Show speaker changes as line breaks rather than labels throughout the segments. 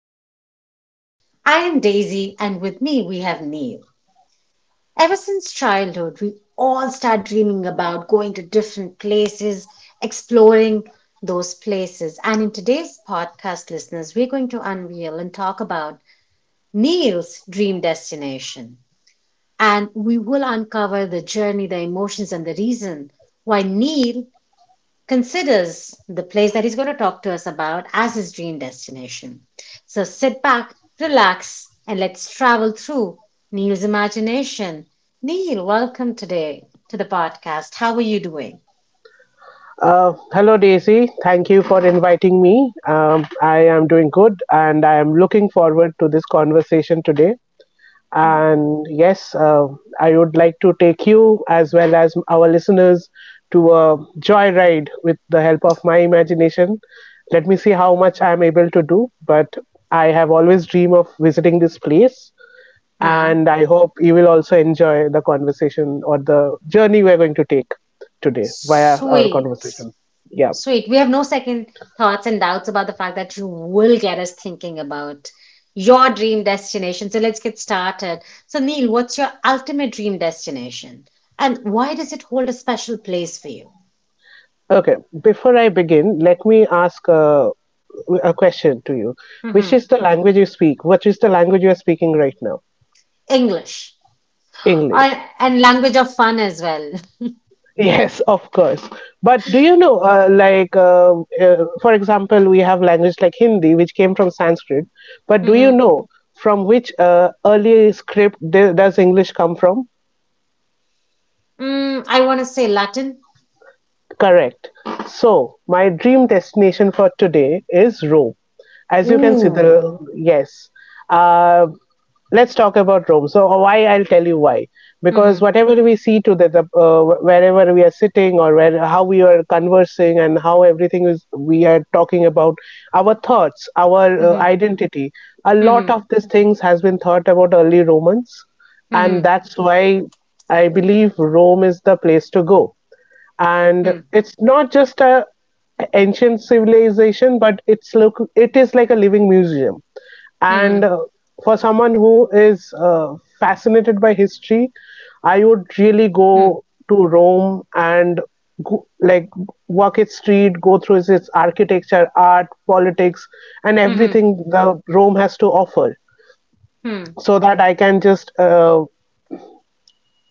podcast. I am Daisy, and with me we have Neil. Ever since childhood, we all start dreaming about going to different places, exploring those places. And in today's podcast, listeners, we're going to unveil and talk about Neil's dream destination. And we will uncover the journey, the emotions, and the reason why Neil considers the place that he's going to talk to us about as his dream destination. So sit back, relax, and let's travel through Neil's imagination. Neil, welcome today to the podcast. How are you doing?
Hello, Daisy. Thank you for inviting me. I am doing good and I am looking forward to this conversation today.
Hmm.
And yes, I would like to take you as well as our listeners to a joyride with the help of my imagination. Let me see how much I'm able to do, but I have always dreamed of visiting this place,
Huh?
and I hope you will also enjoy the conversation or the journey we're going to take today via our
Sweet.
conversation. Yeah.
Sweet. We have no second thoughts and doubts about the fact that you will get us thinking about your dream destination. So let's get started. So, Neil, what's your ultimate dream destination? And why does it hold a special place for you?
Okay. Before I begin, let me ask a question to you. Which
Hmm.
is the language you speak? What is the language you are speaking right now?
English.
English.
Or, and language of fun as well.
Yes, of course. But do you know, for example, we have language like Hindi, which came from Sanskrit. But do you
Hmm.
know from which early script does English come from?
I want to say Latin.
Correct. So, my dream destination for today is Rome. As you can see,
Ooh.
the yes. Uh, let's talk about Rome. So why, I'll tell you why. Because
Hmm.
whatever we see today, wherever we are sitting or where how we are conversing and how everything is we are talking about our thoughts, our
Hmm.
identity. A lot
Hmm.
of these things has been thought about early Romans, and
Hmm.
that's why I believe Rome is the place to go. And
Hmm.
it's not just a ancient civilization, but it's look it is like a living museum
Hmm.
and, for someone who is fascinated by history, I would really
Hmm.
go to Rome and go, like, walk its street, go through its architecture, art, politics, and
Hmm.
everything that Rome has to offer,
Hmm.
so that I can just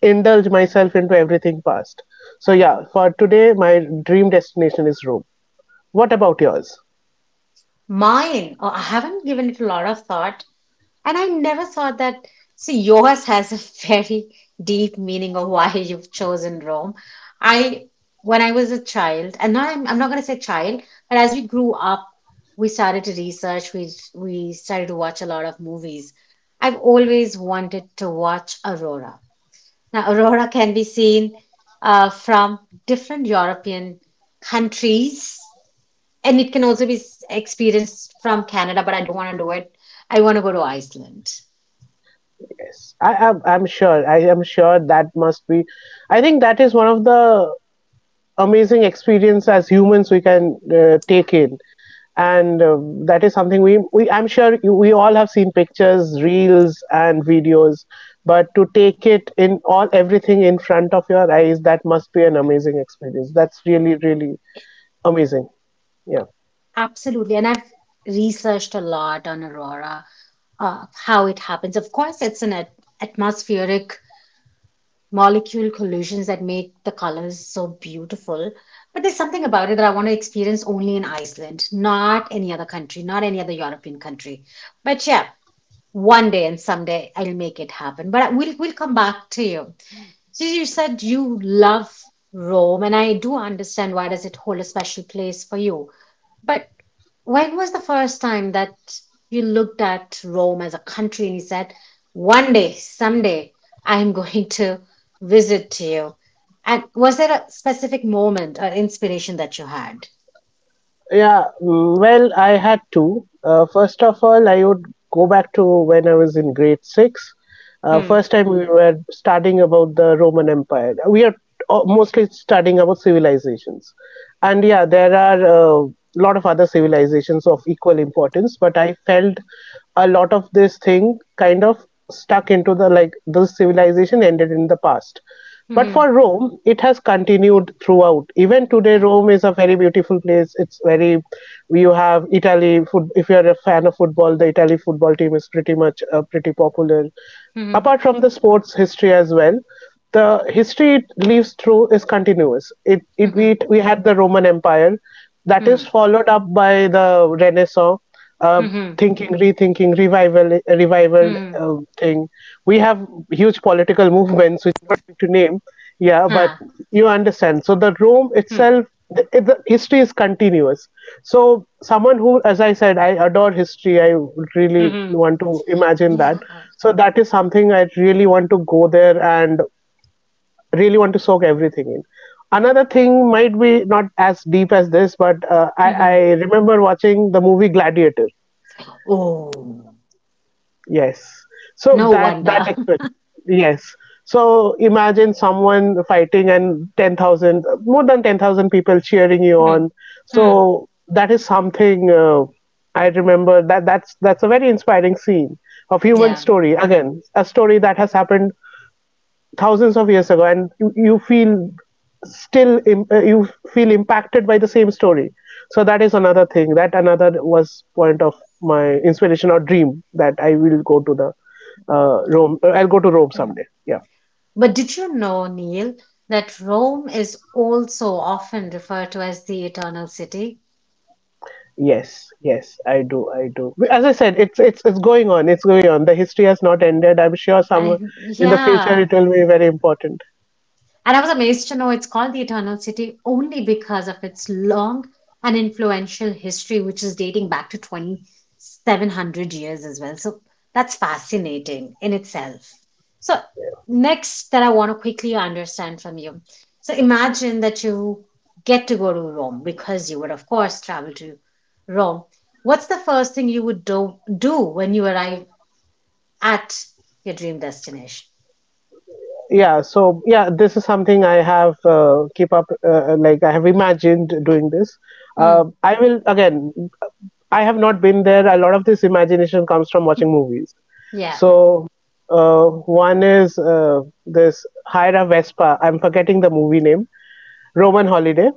indulge myself into everything past. So yeah, for today, my dream destination is Rome. What about yours?
Mine, oh, I haven't given it a lot of thought, and I never thought that. See, yours has a very deep meaning of why you've chosen Rome. I, when I was a child, and now I'm not going to say child, but as we grew up, we started to research, we started to watch a lot of movies. I've always wanted to watch Aurora. Now, Aurora can be seen from different European countries, and it can also be experienced from Canada, but I don't want to do it. I want to go to Iceland.
Yes, I am. I'm sure. I am sure that must be. I think that is one of the amazing experience as humans we can
Yeah,
take in. And that is something we I'm sure we all have seen pictures, reels and videos, but to take it in, all everything in front of your eyes, that must be an amazing experience. That's really, really amazing, yeah.
absolutely. And I've researched a lot on aurora, how it happens. Of course, it's an atmospheric molecule collisions that make the colors so beautiful. But there's something about it that I want to experience only in Iceland, not any other country, not any other European country. But yeah, one day and someday I'll make it happen. But we'll come back to you. So you said you love Rome, and I do understand why does it hold a special place for you, but when was the first time that you looked at Rome as a country and you said, one day, someday, I'm going to visit you? And was there a specific moment or inspiration that you had?
Yeah, well, I had to. First of all, I would go back to when I was in grade six.
Hmm.
First time we were studying about the Roman Empire. We are mostly studying about civilizations, and yeah, there are a lot of other civilizations of equal importance. But I felt a lot of this thing kind of stuck into the, like, this civilization ended in the past, but
Hmm.
for Rome, it has continued throughout. Even today,
Yeah.
Rome is a very beautiful place. It's very, you have Italy. Foot, if you are a fan of football, the Italy football team is pretty much pretty popular
Hmm.
apart from the sports history as well. The history it lives through is continuous. it,
Hmm.
it,
Hmm.
it we had the Roman Empire that
Hmm.
is followed up by the Renaissance, uh,
Hmm.
thinking, rethinking, revival
Hmm.
thing. We have huge political movements which I'm not going to name, yeah, but
Hmm.
you understand. So the Rome itself, the history is continuous. So someone who, as I said, I adore history, I really
Hmm.
want to imagine that.
Yeah.
So that is something I really want to go there and really want to soak everything in. Another thing might be not as deep as this, but I
Hmm.
remember watching the movie Gladiator.
Oh.
Yes. So
No
that that
wonder.
experience. Yes. So imagine someone fighting and 10,000, more than 10,000 people cheering you
Hmm.
on.
Hmm.
So that is something, I remember that. That's a very inspiring scene of human
Yeah.
story. Again, a story that has happened thousands of years ago and you feel you feel impacted by the same story. So that is another thing, that another was point of my inspiration or dream, that I will go to the, Rome, I'll go to Rome
Hmm.
someday, yeah.
But did you know, Neil, that Rome is also often referred to as the Eternal City?
Yes, yes, I do, I do. As I said, it's going on, it's going on, the history has not ended. I'm sure some,
And
in the future,
yeah,
it will be very important,
and I was amazed to know it's called the Eternal City only because of its long and influential history, which is dating back to 2,700 years as well. So that's fascinating in itself. So, next that I want to quickly understand from you. So, imagine that you get to go to Rome because you would, of course, travel to Rome. What's the first thing you would do when you arrive at your dream destination?
yeah. So yeah, this is something I have, keep up like I have imagined doing this.
Hmm.
I will, again, I have not been there, a lot of this imagination comes from watching movies.
Yeah.
So, uh, one is, this, hire a Vespa, I'm forgetting the movie name. Roman Holiday,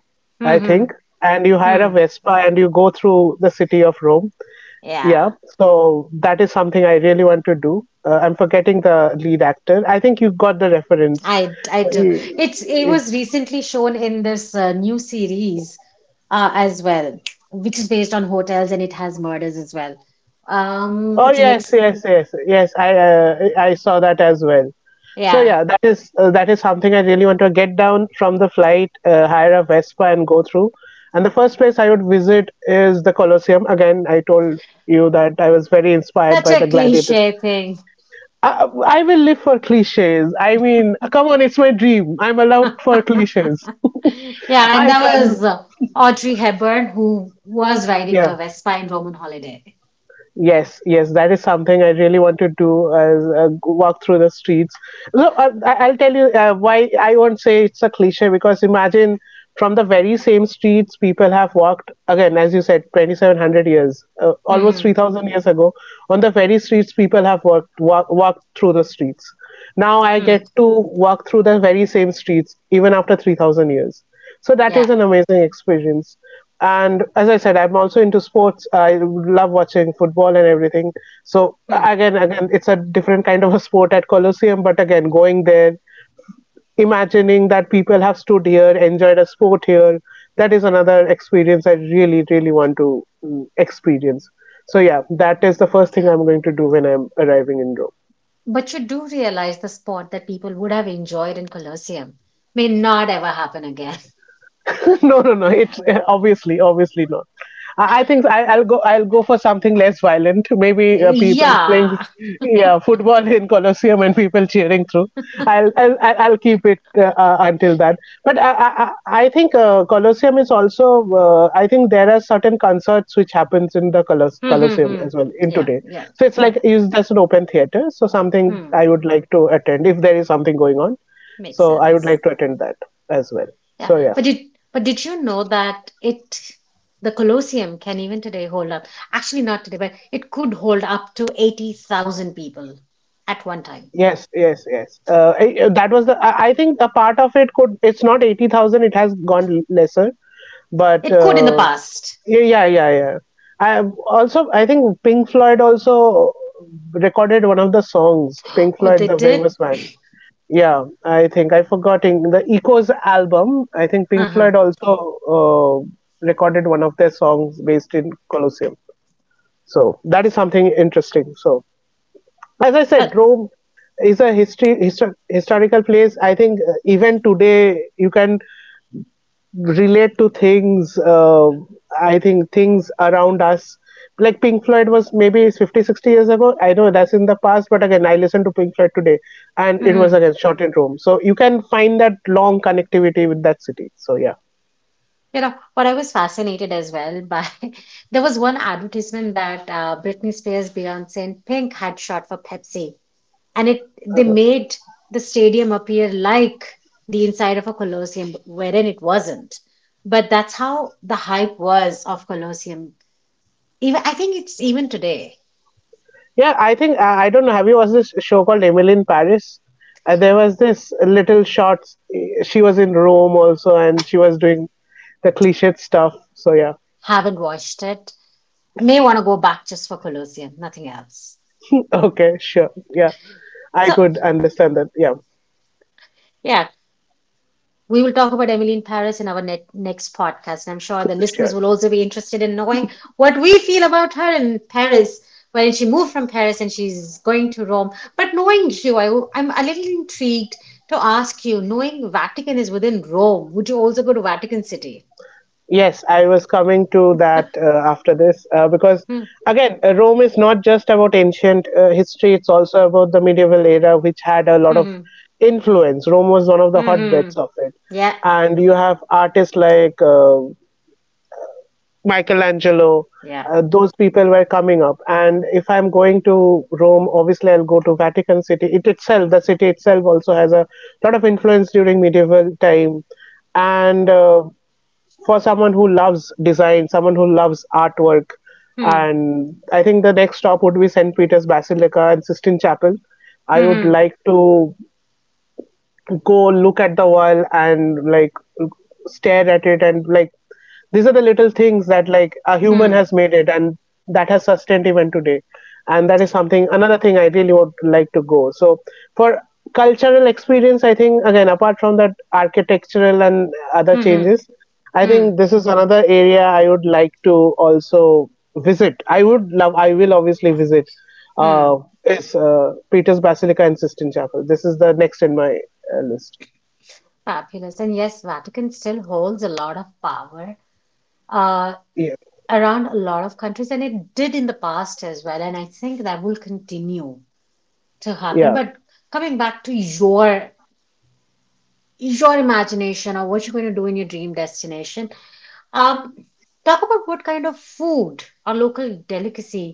I
Hmm.
think.
Hmm.
And you hire a
Hmm.
Vespa and you go through the city of Rome, yeah.
Yeah,
So that is something I really want to do. I'm forgetting the lead actor, I think you got the reference.
I do. It
Yes.
was recently shown in this new series as well, which is based on hotels and it has murders as well.
Oh
It's an
yes,
ex
yes, yes, yes. I saw that as well. So
Yeah,
yeah, that is, that is something I really want to get down from the flight, hire a Vespa, and go through. And the first place I would visit is the Colosseum. Again, I told you that I was very inspired
such
by
a
the gladiators.
cliche thing.
I will live for cliches. I mean, come on, it's my dream. I'm allowed for cliches.
Yeah, and
I
that
can't.
was Audrey Hepburn who was riding
Yeah.
her Vespa in Roman Holiday.
Yes, yes, that is something I really want to do, as walk through the streets. So I'll tell you why I won't say it's a cliche, because imagine from the very same streets people have walked, again, as you said, 2,700 years, almost
Hmm.
3,000 years ago. On the very streets people have walked through the streets. Now I
Hmm.
get to walk through the very same streets even after 3,000 years. So that
Yeah.
is an amazing experience. And as I said, I'm also into sports. I love watching football and everything. So
Hmm.
again, it's a different kind of a sport at Colosseum. But again, going there, imagining that people have stood here, enjoyed a sport here, that is another experience I really, really want to, experience. So yeah, that is the first thing I'm going to do when I'm arriving in Rome.
But you do realize the sport that people would have enjoyed in Colosseum may not ever happen again.
no, no, no, it's, obviously, obviously not. I, I think I, I'll go I'll go for something less violent, maybe, people playing,
Yeah.
yeah, football in Colosseum and people cheering through. I'll keep it until that. But I think, Colosseum is also, I think there are certain concerts which happens in the
Hmm, hmm,
Colosseum
hmm.
as well in
Yeah,
today.
yeah,
So it's
yeah.
like is just an open theater, so something
Hmm.
I would like to attend if there is something going on.
Makes
So I would
sense.
like to attend that as well,
Yeah.
so yeah.
But did you know that it the Colosseum can even today hold up, actually not today, but it could hold up to 80,000 people at one time.
Yes, yes, yes. That was the. I think a part of it could. It's not 80,000. It has gone lesser, but
It could in the past.
yeah, yeah, yeah, yeah. I also. I think Pink Floyd also recorded one of the songs. Pink
Oh,
Floyd,
they
the
did?
famous one. Yeah, I think I forgetting the Echoes album. I think Pink
Uh-huh.
Floyd also uh, recorded one of their songs based in Colosseum. So that is something interesting. So, as I said,
But,
Rome is a history, historical place. I think even today you can relate to things. I think things around us, like Pink Floyd was maybe 50, 60 years ago. I know that's in the past, but again, I listen to Pink Floyd today, and it was
mhm.
again shot in Rome. So you can find that long connectivity with that city. So yeah,
You know, what I was fascinated as well by, there was one advertisement that Britney Spears, Beyonce, and Pink had shot for Pepsi. And it they made the stadium appear like the inside of a Colosseum, wherein it wasn't, but that's how the hype was of Colosseum. Even, I think, it's even today.
yeah. I think I don't know. Have you watched this show called Emily in Paris? There was this little short. She was in Rome also, and she was doing the cliched stuff. So yeah,
Haven't watched it. I may want to go back just for Colosseum, nothing else.
okay, sure, yeah, I
So
could understand that. Yeah,
yeah, we will talk about Emily in Paris in our next podcast. And I'm sure the listeners
sure.
will also be interested in knowing what we feel about her in Paris when she moved from Paris and she's going to Rome. But knowing you, I'm a little intrigued to ask you, knowing Vatican is within Rome, would you also go to Vatican City?
Yes, I was coming to that after this, because
Hmm.
again, Rome is not just about ancient history; it's also about the medieval era, which had a lot of
Hmm.
influence. Rome was one of the
Hmm. Hmm, hmm.
hotbeds of it,
Yeah.
and you have artists like, Michelangelo,
Yeah.
those people were coming up. And if I'm going to Rome, obviously I'll go to Vatican City. It itself, the city itself, also has a lot of influence during medieval time. And for someone who loves design, someone who loves artwork,
Hmm.
and I think the next stop would be St. Peter's Basilica and Sistine Chapel. I would
Hmm.
like to go look at the wall and like stare at it and like these are the little things that like a human
Hmm.
has made it, and that has sustained even today. And that is
True.
something, another thing I really would like to go. So for cultural experience, I think, again, apart from that architectural and other
Hmm. Hmm.
changes, I
Hmm.
think this is another area I would like to also visit. I would love, I will obviously visit
Hmm.
uh is Peter's Basilica and Sistine Chapel. This is the next in my list.
Fabulous. And yes, Vatican still holds a lot of power. Uh,
Yeah,
Around a lot of countries, and it did in the past as well, and I think that will continue to happen.
yeah.
But coming back to your imagination or what you're going to do in your dream destination, um talk about what kind of food or local delicacy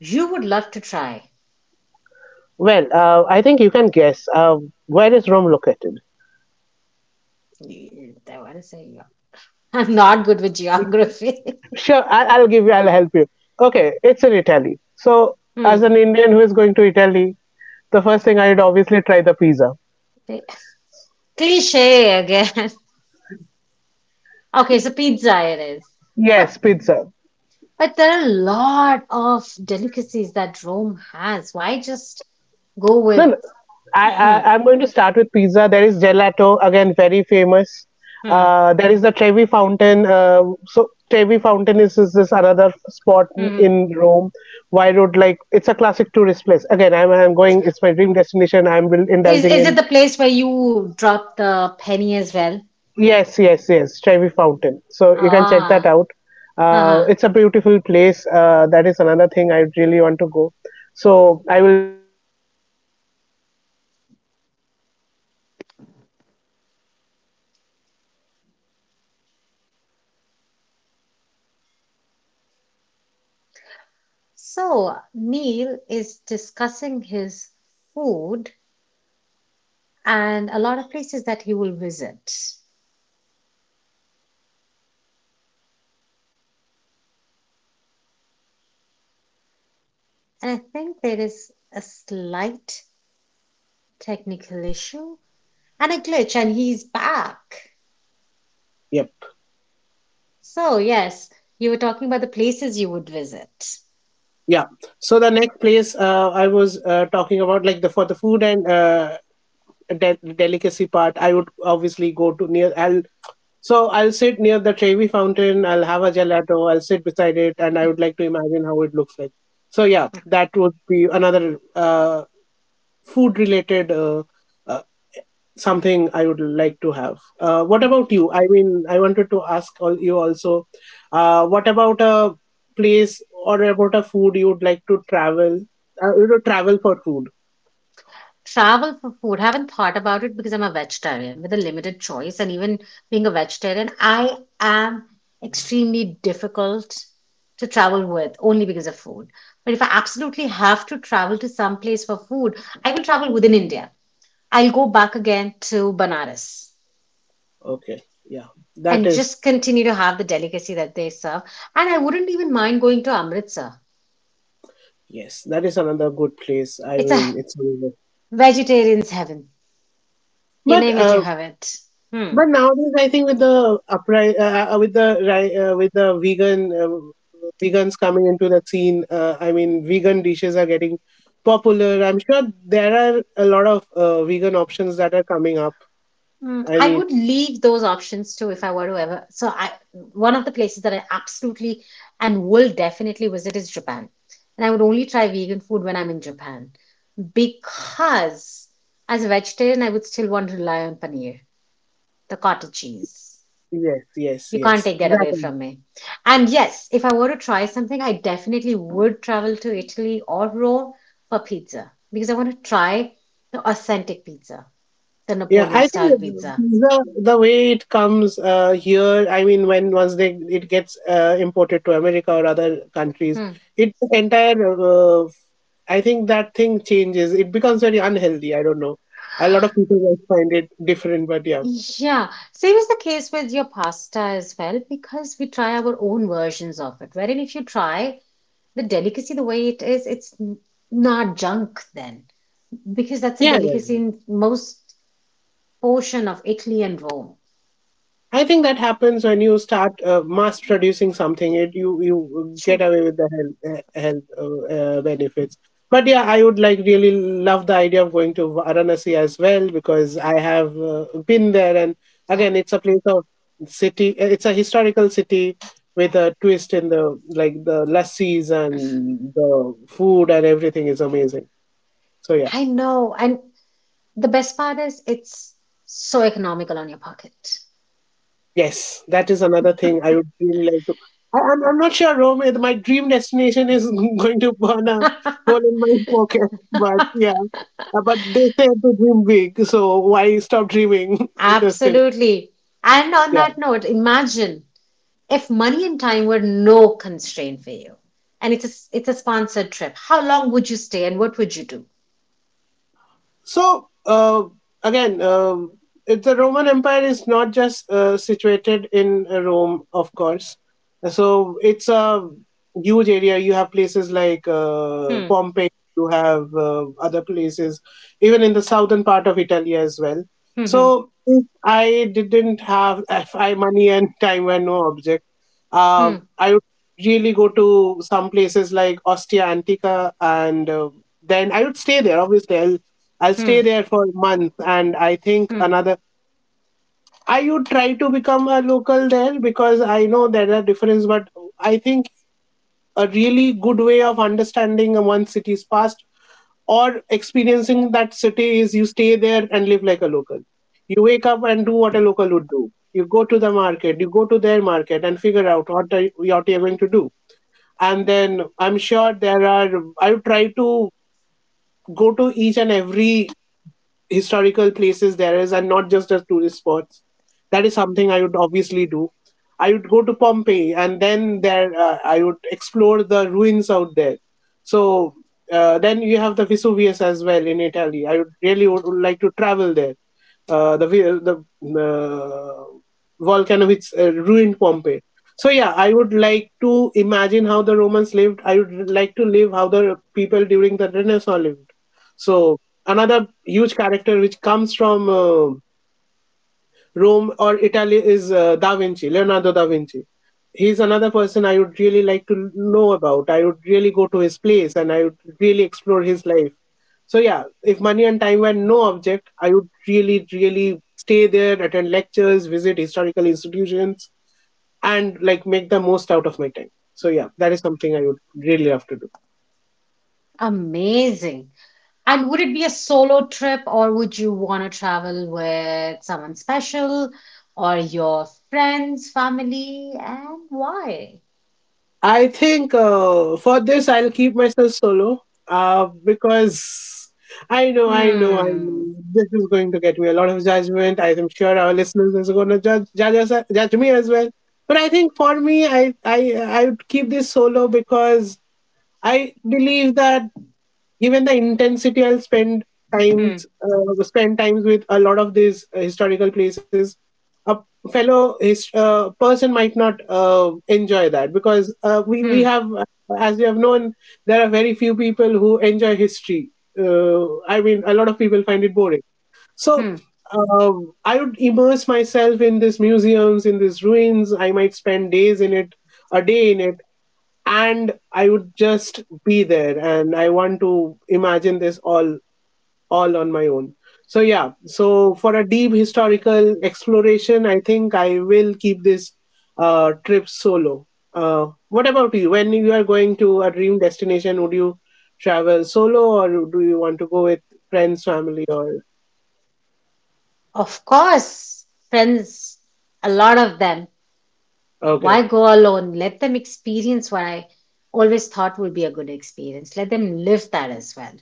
you would love to try.
Well, I think you can guess. Where is Rome located?
Yeah, I want to say yeah. I'm not good with geography.
Sure, I'll give you. I'll help you. Okay, it's in Italy. So, as
Hmm.
an Indian who is going to Italy, the first thing I'd obviously try the pizza.
Cliche again. Okay, so pizza it is. but
Yes, pizza.
But there are a lot of delicacies that Rome has. Why just go
No,
with.
no. I,
Hmm,
I I'm going to start with pizza. There is gelato, again, very famous.
hmm,
There is the Trevi Fountain. So Trevi Fountain is this another spot
hmm.
in Rome. Why would, like, it's a classic tourist place. Again, I'm going. It's my dream destination. I'm will
Is
indulging
is it
in.
the place where you drop the penny as well?
Yes, yes, yes, Trevi Fountain. So you can check that
Ah,
out.
uh-huh.
It's a beautiful place. That is another thing I really want to go. So I will be having. So I'll take a gelato. Just sit beside it and. Am I
So Neil is discussing his food and a lot of places that he will visit.
disconnect? हो गया?
And I think there is a slight
Hello.
technical issue and a glitch, and he's back.
Yep.
So, yes, you were talking about the places you would visit.
Yeah. So the next place I was talking about, like the for the food and delicacy part, I would obviously go to near. I'll, so I'll sit near the Trevi fountain, I'll have a gelato, I'll sit beside it, and I would like to imagine how it looks like. So yeah, that would be another food related uh, something I would like to have. What about you? I mean, I wanted to ask all you also, what about a place or about a food you would like to travel? You know, travel for food.
Travel for food. Haven't thought about it because I'm a vegetarian with a limited choice. And even being a vegetarian, I am extremely difficult to travel with only because of food. But if I absolutely have to travel to some place for food, I will travel within India. I'll go back again to Banaras
Okay, yeah, that
and
is,
just continue to have the delicacy that they serve. And I wouldn't even mind going to Amritsar.
yes, that is another good place. I
It's
mean,
a
it's.
vegetarian's heaven. You
But
name it, you have it. Hmm.
but nowadays, I think with the with the with the vegan vegans coming into the scene, I mean, vegan dishes are getting popular. I'm sure there are a lot of vegan options that are coming up.
Hmm.
I
I
mean,
would leave those options too if I were to ever. So one of the places that I absolutely and will definitely visit is Japan. And I would only try vegan food when I'm in Japan because as a vegetarian, I would still want to rely on paneer, the cottage cheese.
yes, yes,
You can't
yes.
take that
That,
away from me. And yes, if I were to try something, I definitely would travel to Italy or Rome for pizza because I want to try the authentic pizza. The
yeah, I
Napoleon
think
style pizza.
the way it comes here, I mean, when once they it gets imported to America or other countries,
Hmm.
it entire. I think that thing changes. It becomes very unhealthy. I don't know. A lot of people might find it different, but yeah,
Yeah, same is the case with your pasta as well because we try our own versions of it. Wherein if you try the delicacy the way it is, it's not junk then because that's a
yeah, yeah,
delicacy
yeah.
in most portion of Italy and Rome.
I think that happens when you start mass producing something. It, you get
True.
away with the health health benefits. But yeah, I would like really love the idea of going to Varanasi as well because I have been there, and
Yeah,
again, it's a place of city. It's a historical city with a twist in the, like the lassis and the food and everything is amazing. So yeah.
I know. And the best part is it's so economical on your pocket.
Yes, that is another thing I would really like to. I'm not sure, Rome, if my dream destination is going to burn a hole in my pocket. But yeah, but they say to dream big, so why stop dreaming? Just in,
Absolutely. And on
yeah.
that note, imagine, if money and time were no constraint for you, and it's a sponsored trip, how long would you stay and what would you do?
So again, it, the Roman Empire is not just situated in Rome, of course. So it's a huge area. You have places like
Hmm,
Pompeii. You have other places, even in the southern part of Italy as well.
hmm,
So if I didn't have if I money and time and no object,
hmm,
I would really go to some places like Ostia Antica, and then I would stay there. Obviously, I'll
hmm,
stay there for a month and I think
hmm.
another. I would try to become a local there because I know there are differences, but I think a really good way of understanding one city's past or experiencing that city is you stay there and live like a local. You wake up and do what a local would do. You go to the market, you go to their market and figure out what are, what you're going to do. And then I'm sure there are, I would try to go to each and every historical places there is and not just as tourist spots. That is something I would obviously do. I would go to Pompeii and then there I would explore the ruins out there. So then you have the Vesuvius as well in Italy. I would really would like to travel there. The uh, volcano which ruined Pompeii. So yeah, I would like to imagine how the Romans lived. I would like to live how the people during the Renaissance lived. So another huge character which comes from Rome or Italy is Da Vinci, Leonardo da Vinci. He's another person I would really like to know about. I would really go to his place and I would really explore his life. So, yeah, if money and time were no object, I would really, really stay there, attend lectures, visit historical institutions, and like make the most out of my time. So, yeah, that is something I would really love to do.
Amazing. And would it be a solo trip, or would you want to travel with someone special, or your friends, family, and why?
I think for this I'll keep myself solo because I know, I know, I
Hmm,
know this is going to get me a lot of judgment. I'm sure our listeners are going to judge me as well. But I think for me, I would keep this solo because I believe that given the intensity I'll
hmm,
spend times with a lot of these historical places, a fellow person might not enjoy that because we
hmm,
have, as we have known, there are very few people who enjoy history. uh, I mean, a lot of people find it boring. So
hmm.
I would immerse myself in these museums, in these ruins. I might spend days in it, a day in it, and I would just be there and I want to imagine this all on my own. So yeah, so for a deep historical exploration, I think I will keep this trip solo. What about you? When you are going to a dream destination, would you travel solo or do you want to go with friends, family, or,
Of course, friends, a lot of them.
okay?
Why go alone? Let them experience what I always thought would be a good experience. Let them live that as well.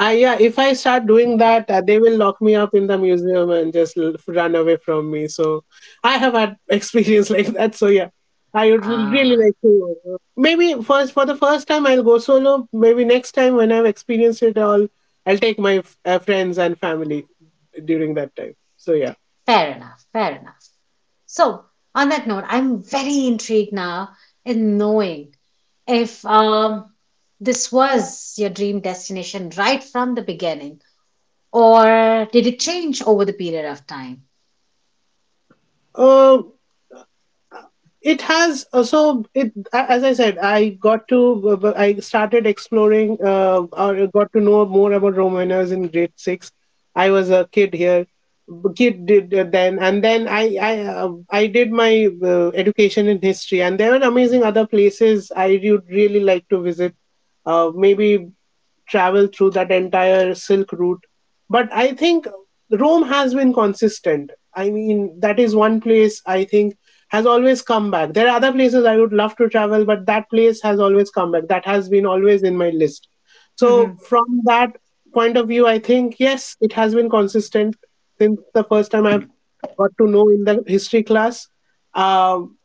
I, yeah, if I start doing that, they will lock me up in the museum and just run away from me. So I have had experience like that. So yeah, I would really
Ah,
like to. Maybe first for the first time I'll go solo. Maybe next time when I've experienced it all, I'll take my friends and family during that time. So yeah.
fair enough, fair enough. So, on that note, I'm very intrigued now in knowing if this was your dream destination right from the beginning, or did it change over the period of time?
Uh, it has so it, as I said, I got to, I started exploring or got to know more about Rome when I was in grade 6. I was a kid here, kid did then and then i uh, I did my education in history and there were amazing other places I would really like to visit. Maybe travel through that entire Silk route. But I think Rome has been consistent. I mean, that is one place I think has always come back. There are other places I would love to travel, but that place has always come back. That has been always in my list.
Hmm.
So, from that point of view, I think, yes, it has been consistent since the first time I've got to know in the history class. Um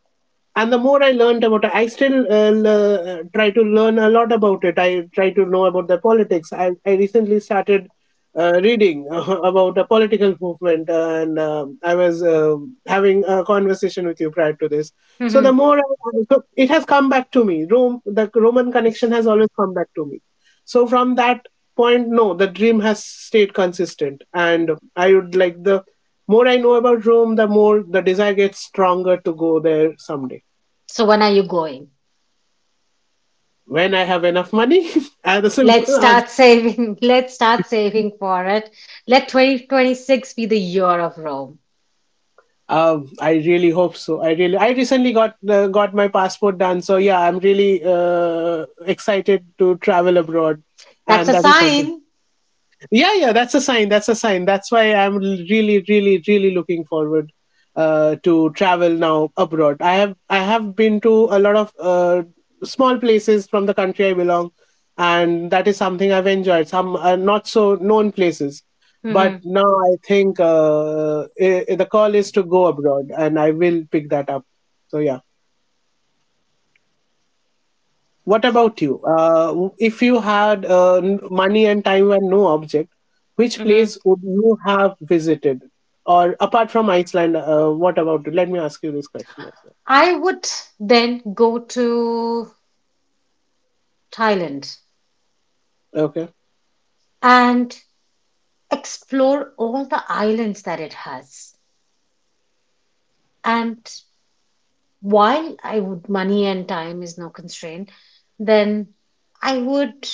and the more I learned about it, I still try to learn a lot about it. I try to know about the politics. I recently started reading about the political movement and I was having a conversation with you prior to this. So
Hmm.
so it has come back to me, Rome, the Roman connection has always come back to me. So from that point, no, the dream has stayed consistent and I would like, the more I know about Rome, the more the desire gets stronger to go there someday.
So, when are you going?
When I have enough money. The
Let's
simple answer.
start saving. Let's start saving for it. Let 2026 be the year of Rome.
I really hope so. I really, I recently got my passport done, so yeah, I'm really excited to travel abroad,
That's
and
a
that is something.
sign.
Yeah, yeah, that's a sign, that's a sign, that's why I'm really, really, really looking forward to travel now abroad. I have been to a lot of small places from the country I belong, and that is something I've enjoyed, some not so known places. But
Hmm.
now I think the call is to go abroad and I will pick that up. So yeah. What about you? If you had money and time were no object, which
Hmm.
place would you have visited? Or apart from Iceland, what about it? Let me ask you this question as
I would then go to Thailand
well. Okay.
and explore all the islands that it has. And while I would, money and time is no constraint, then I would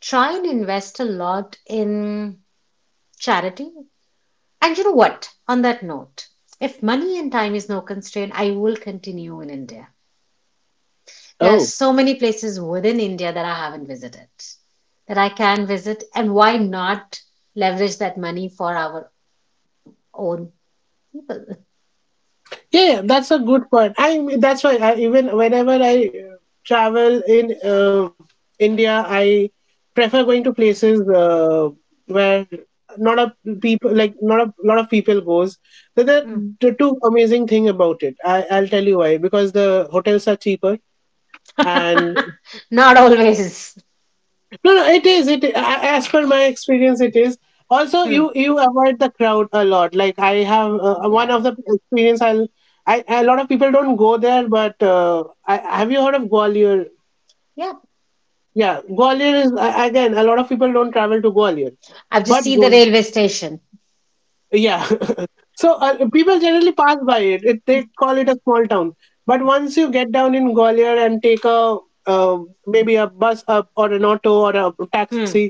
try and invest a lot in charity. And you know what? On that note, if money and time is no constraint, I will continue in India. There are
Oh,
so many places within India that I haven't visited, that I can visit, and why not leverage that money for our own people?
yeah, yeah, that's a good point. I mean, that's why I, even whenever I travel in India, I prefer going to places where not a people like not a lot of people goes. The, the
Hmm.
the two amazing thing about it, I'll tell you why. Because the hotels are cheaper and
Not always.
no, no, it is. As per my experience, it is. Also,
Hmm.
you avoid the crowd a lot. Like I have one
Yeah.
of the experience. I a lot of people don't go there, but I have you heard of Gwalior?
Yeah.
Yeah, Gwalior is again a lot of people don't travel to Gwalior,
I've just
but
seen the
go
railway station.
yeah. So people generally pass by it. They call it a small town, but once you get down in Gwalior and take a uh, maybe a bus up or an auto or a
Hmm.
taxi.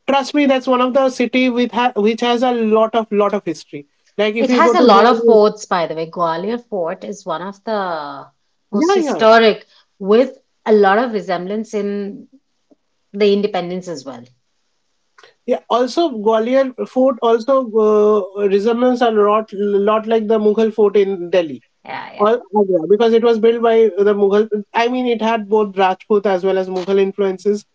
Trust me, that's one of the city which has a lot of history. Like if
It
you go
has a
to
lot of
Gwalior,
forts, by the way. Gwalior Fort is one of the most
yeah, yeah
historic, with a lot of resemblance in the independence as well.
yeah Also, Gwalior Fort also uh, resembles a lot like the Mughal fort in Delhi or
Yeah,
Agra, because it was built by the mughal I mean, it had both Rajput as well as Mughal influences.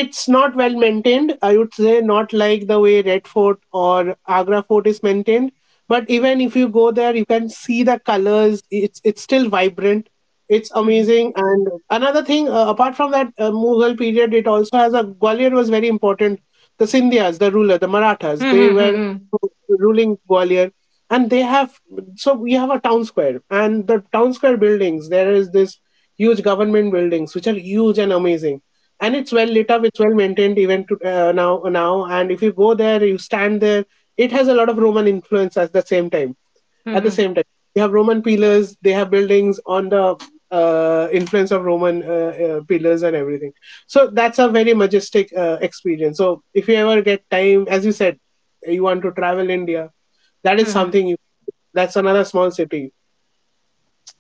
It's not well maintained. I would say not like the way Red Fort or Agra Fort is maintained. But even if you go there, you can see the colors. It's still vibrant. It's
yeah.
amazing. And another thing, apart from that Mughal period, it also has a Gwalior was very important. The Sindhyas, the ruler, the Marathas, they
Hmm,
were
hmm,
ruling Gwalior, and they have. So we have a town square, and the town square buildings. There is this huge government buildings which are huge and amazing, and it's well lit up, it's well maintained even to, now, and if you go there, you stand there, it has a lot of Roman influence at the same time.
hmm,
at the
hmm,
same time you have Roman pillars, they have buildings on the influence of Roman pillars and everything. So that's a very majestic experience. So if you ever get time, as you said, you want to travel India, that is
hmm,
something that's another small city.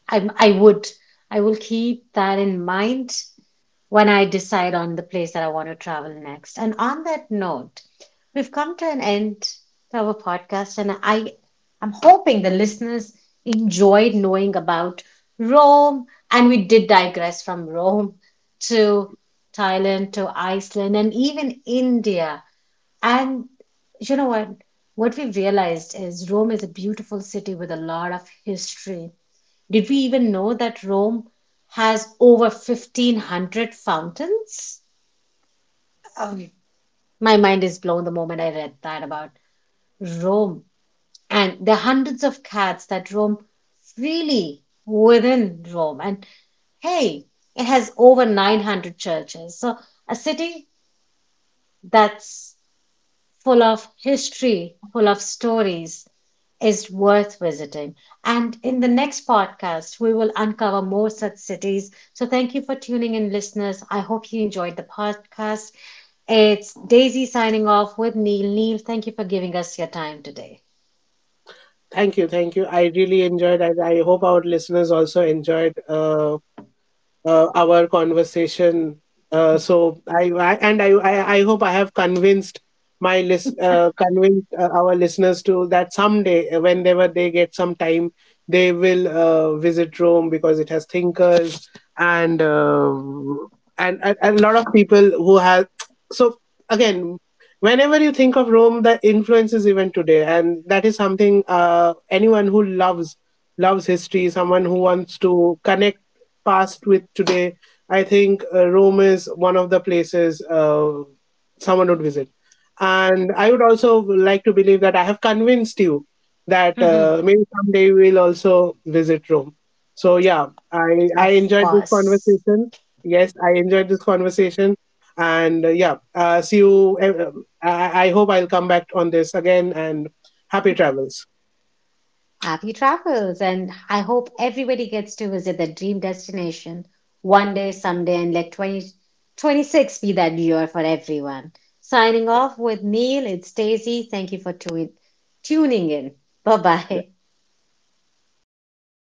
I I would I will keep that in mind when I decide on the place that I want to travel next. And on that note, we've come to an end to our podcast, and I'm hoping the listeners enjoyed knowing about Rome, and we did digress from Rome to Thailand to Iceland and even India. And you know what? What we've realized is Rome is a beautiful city with a lot of history. Did we even know that Rome has over 1500 fountains? My mind is blown the moment I read that about Rome. And the hundreds of cats that roam freely within Rome. And hey, it has over 900 churches. So a city that's full of history, full of stories, is worth visiting. And in the next podcast, we will uncover more such cities. So thank you for tuning in, listeners. I hope you enjoyed the podcast. It's Daisy signing off with Neil. Neil, thank you for giving us your time today.
Thank you, thank you, I really enjoyed, and I hope our listeners also enjoyed our conversation. So I and I hope I have convinced my list convinced our listeners to that someday, whenever they get some time, they will visit Rome because it has thinkers and and a lot of people who have. So again, whenever you think of Rome, the influence is even today, and that is something anyone who loves history, someone who wants to connect past with today, I think Rome is one of the places someone would visit. And I would also like to believe that I have convinced you that
Mm-hmm.
maybe someday we'll also visit Rome. So yeah, I
Of
enjoyed this
course.
conversation. Yes, I enjoyed this conversation. And yeah, see you. I hope I'll come back on this again. And happy travels.
Happy travels, and I hope everybody gets to visit their dream destination one day, someday, and let 2026 be that year for everyone. Signing off with Neil, it's Daisy. Thank you for tuning in. Bye bye.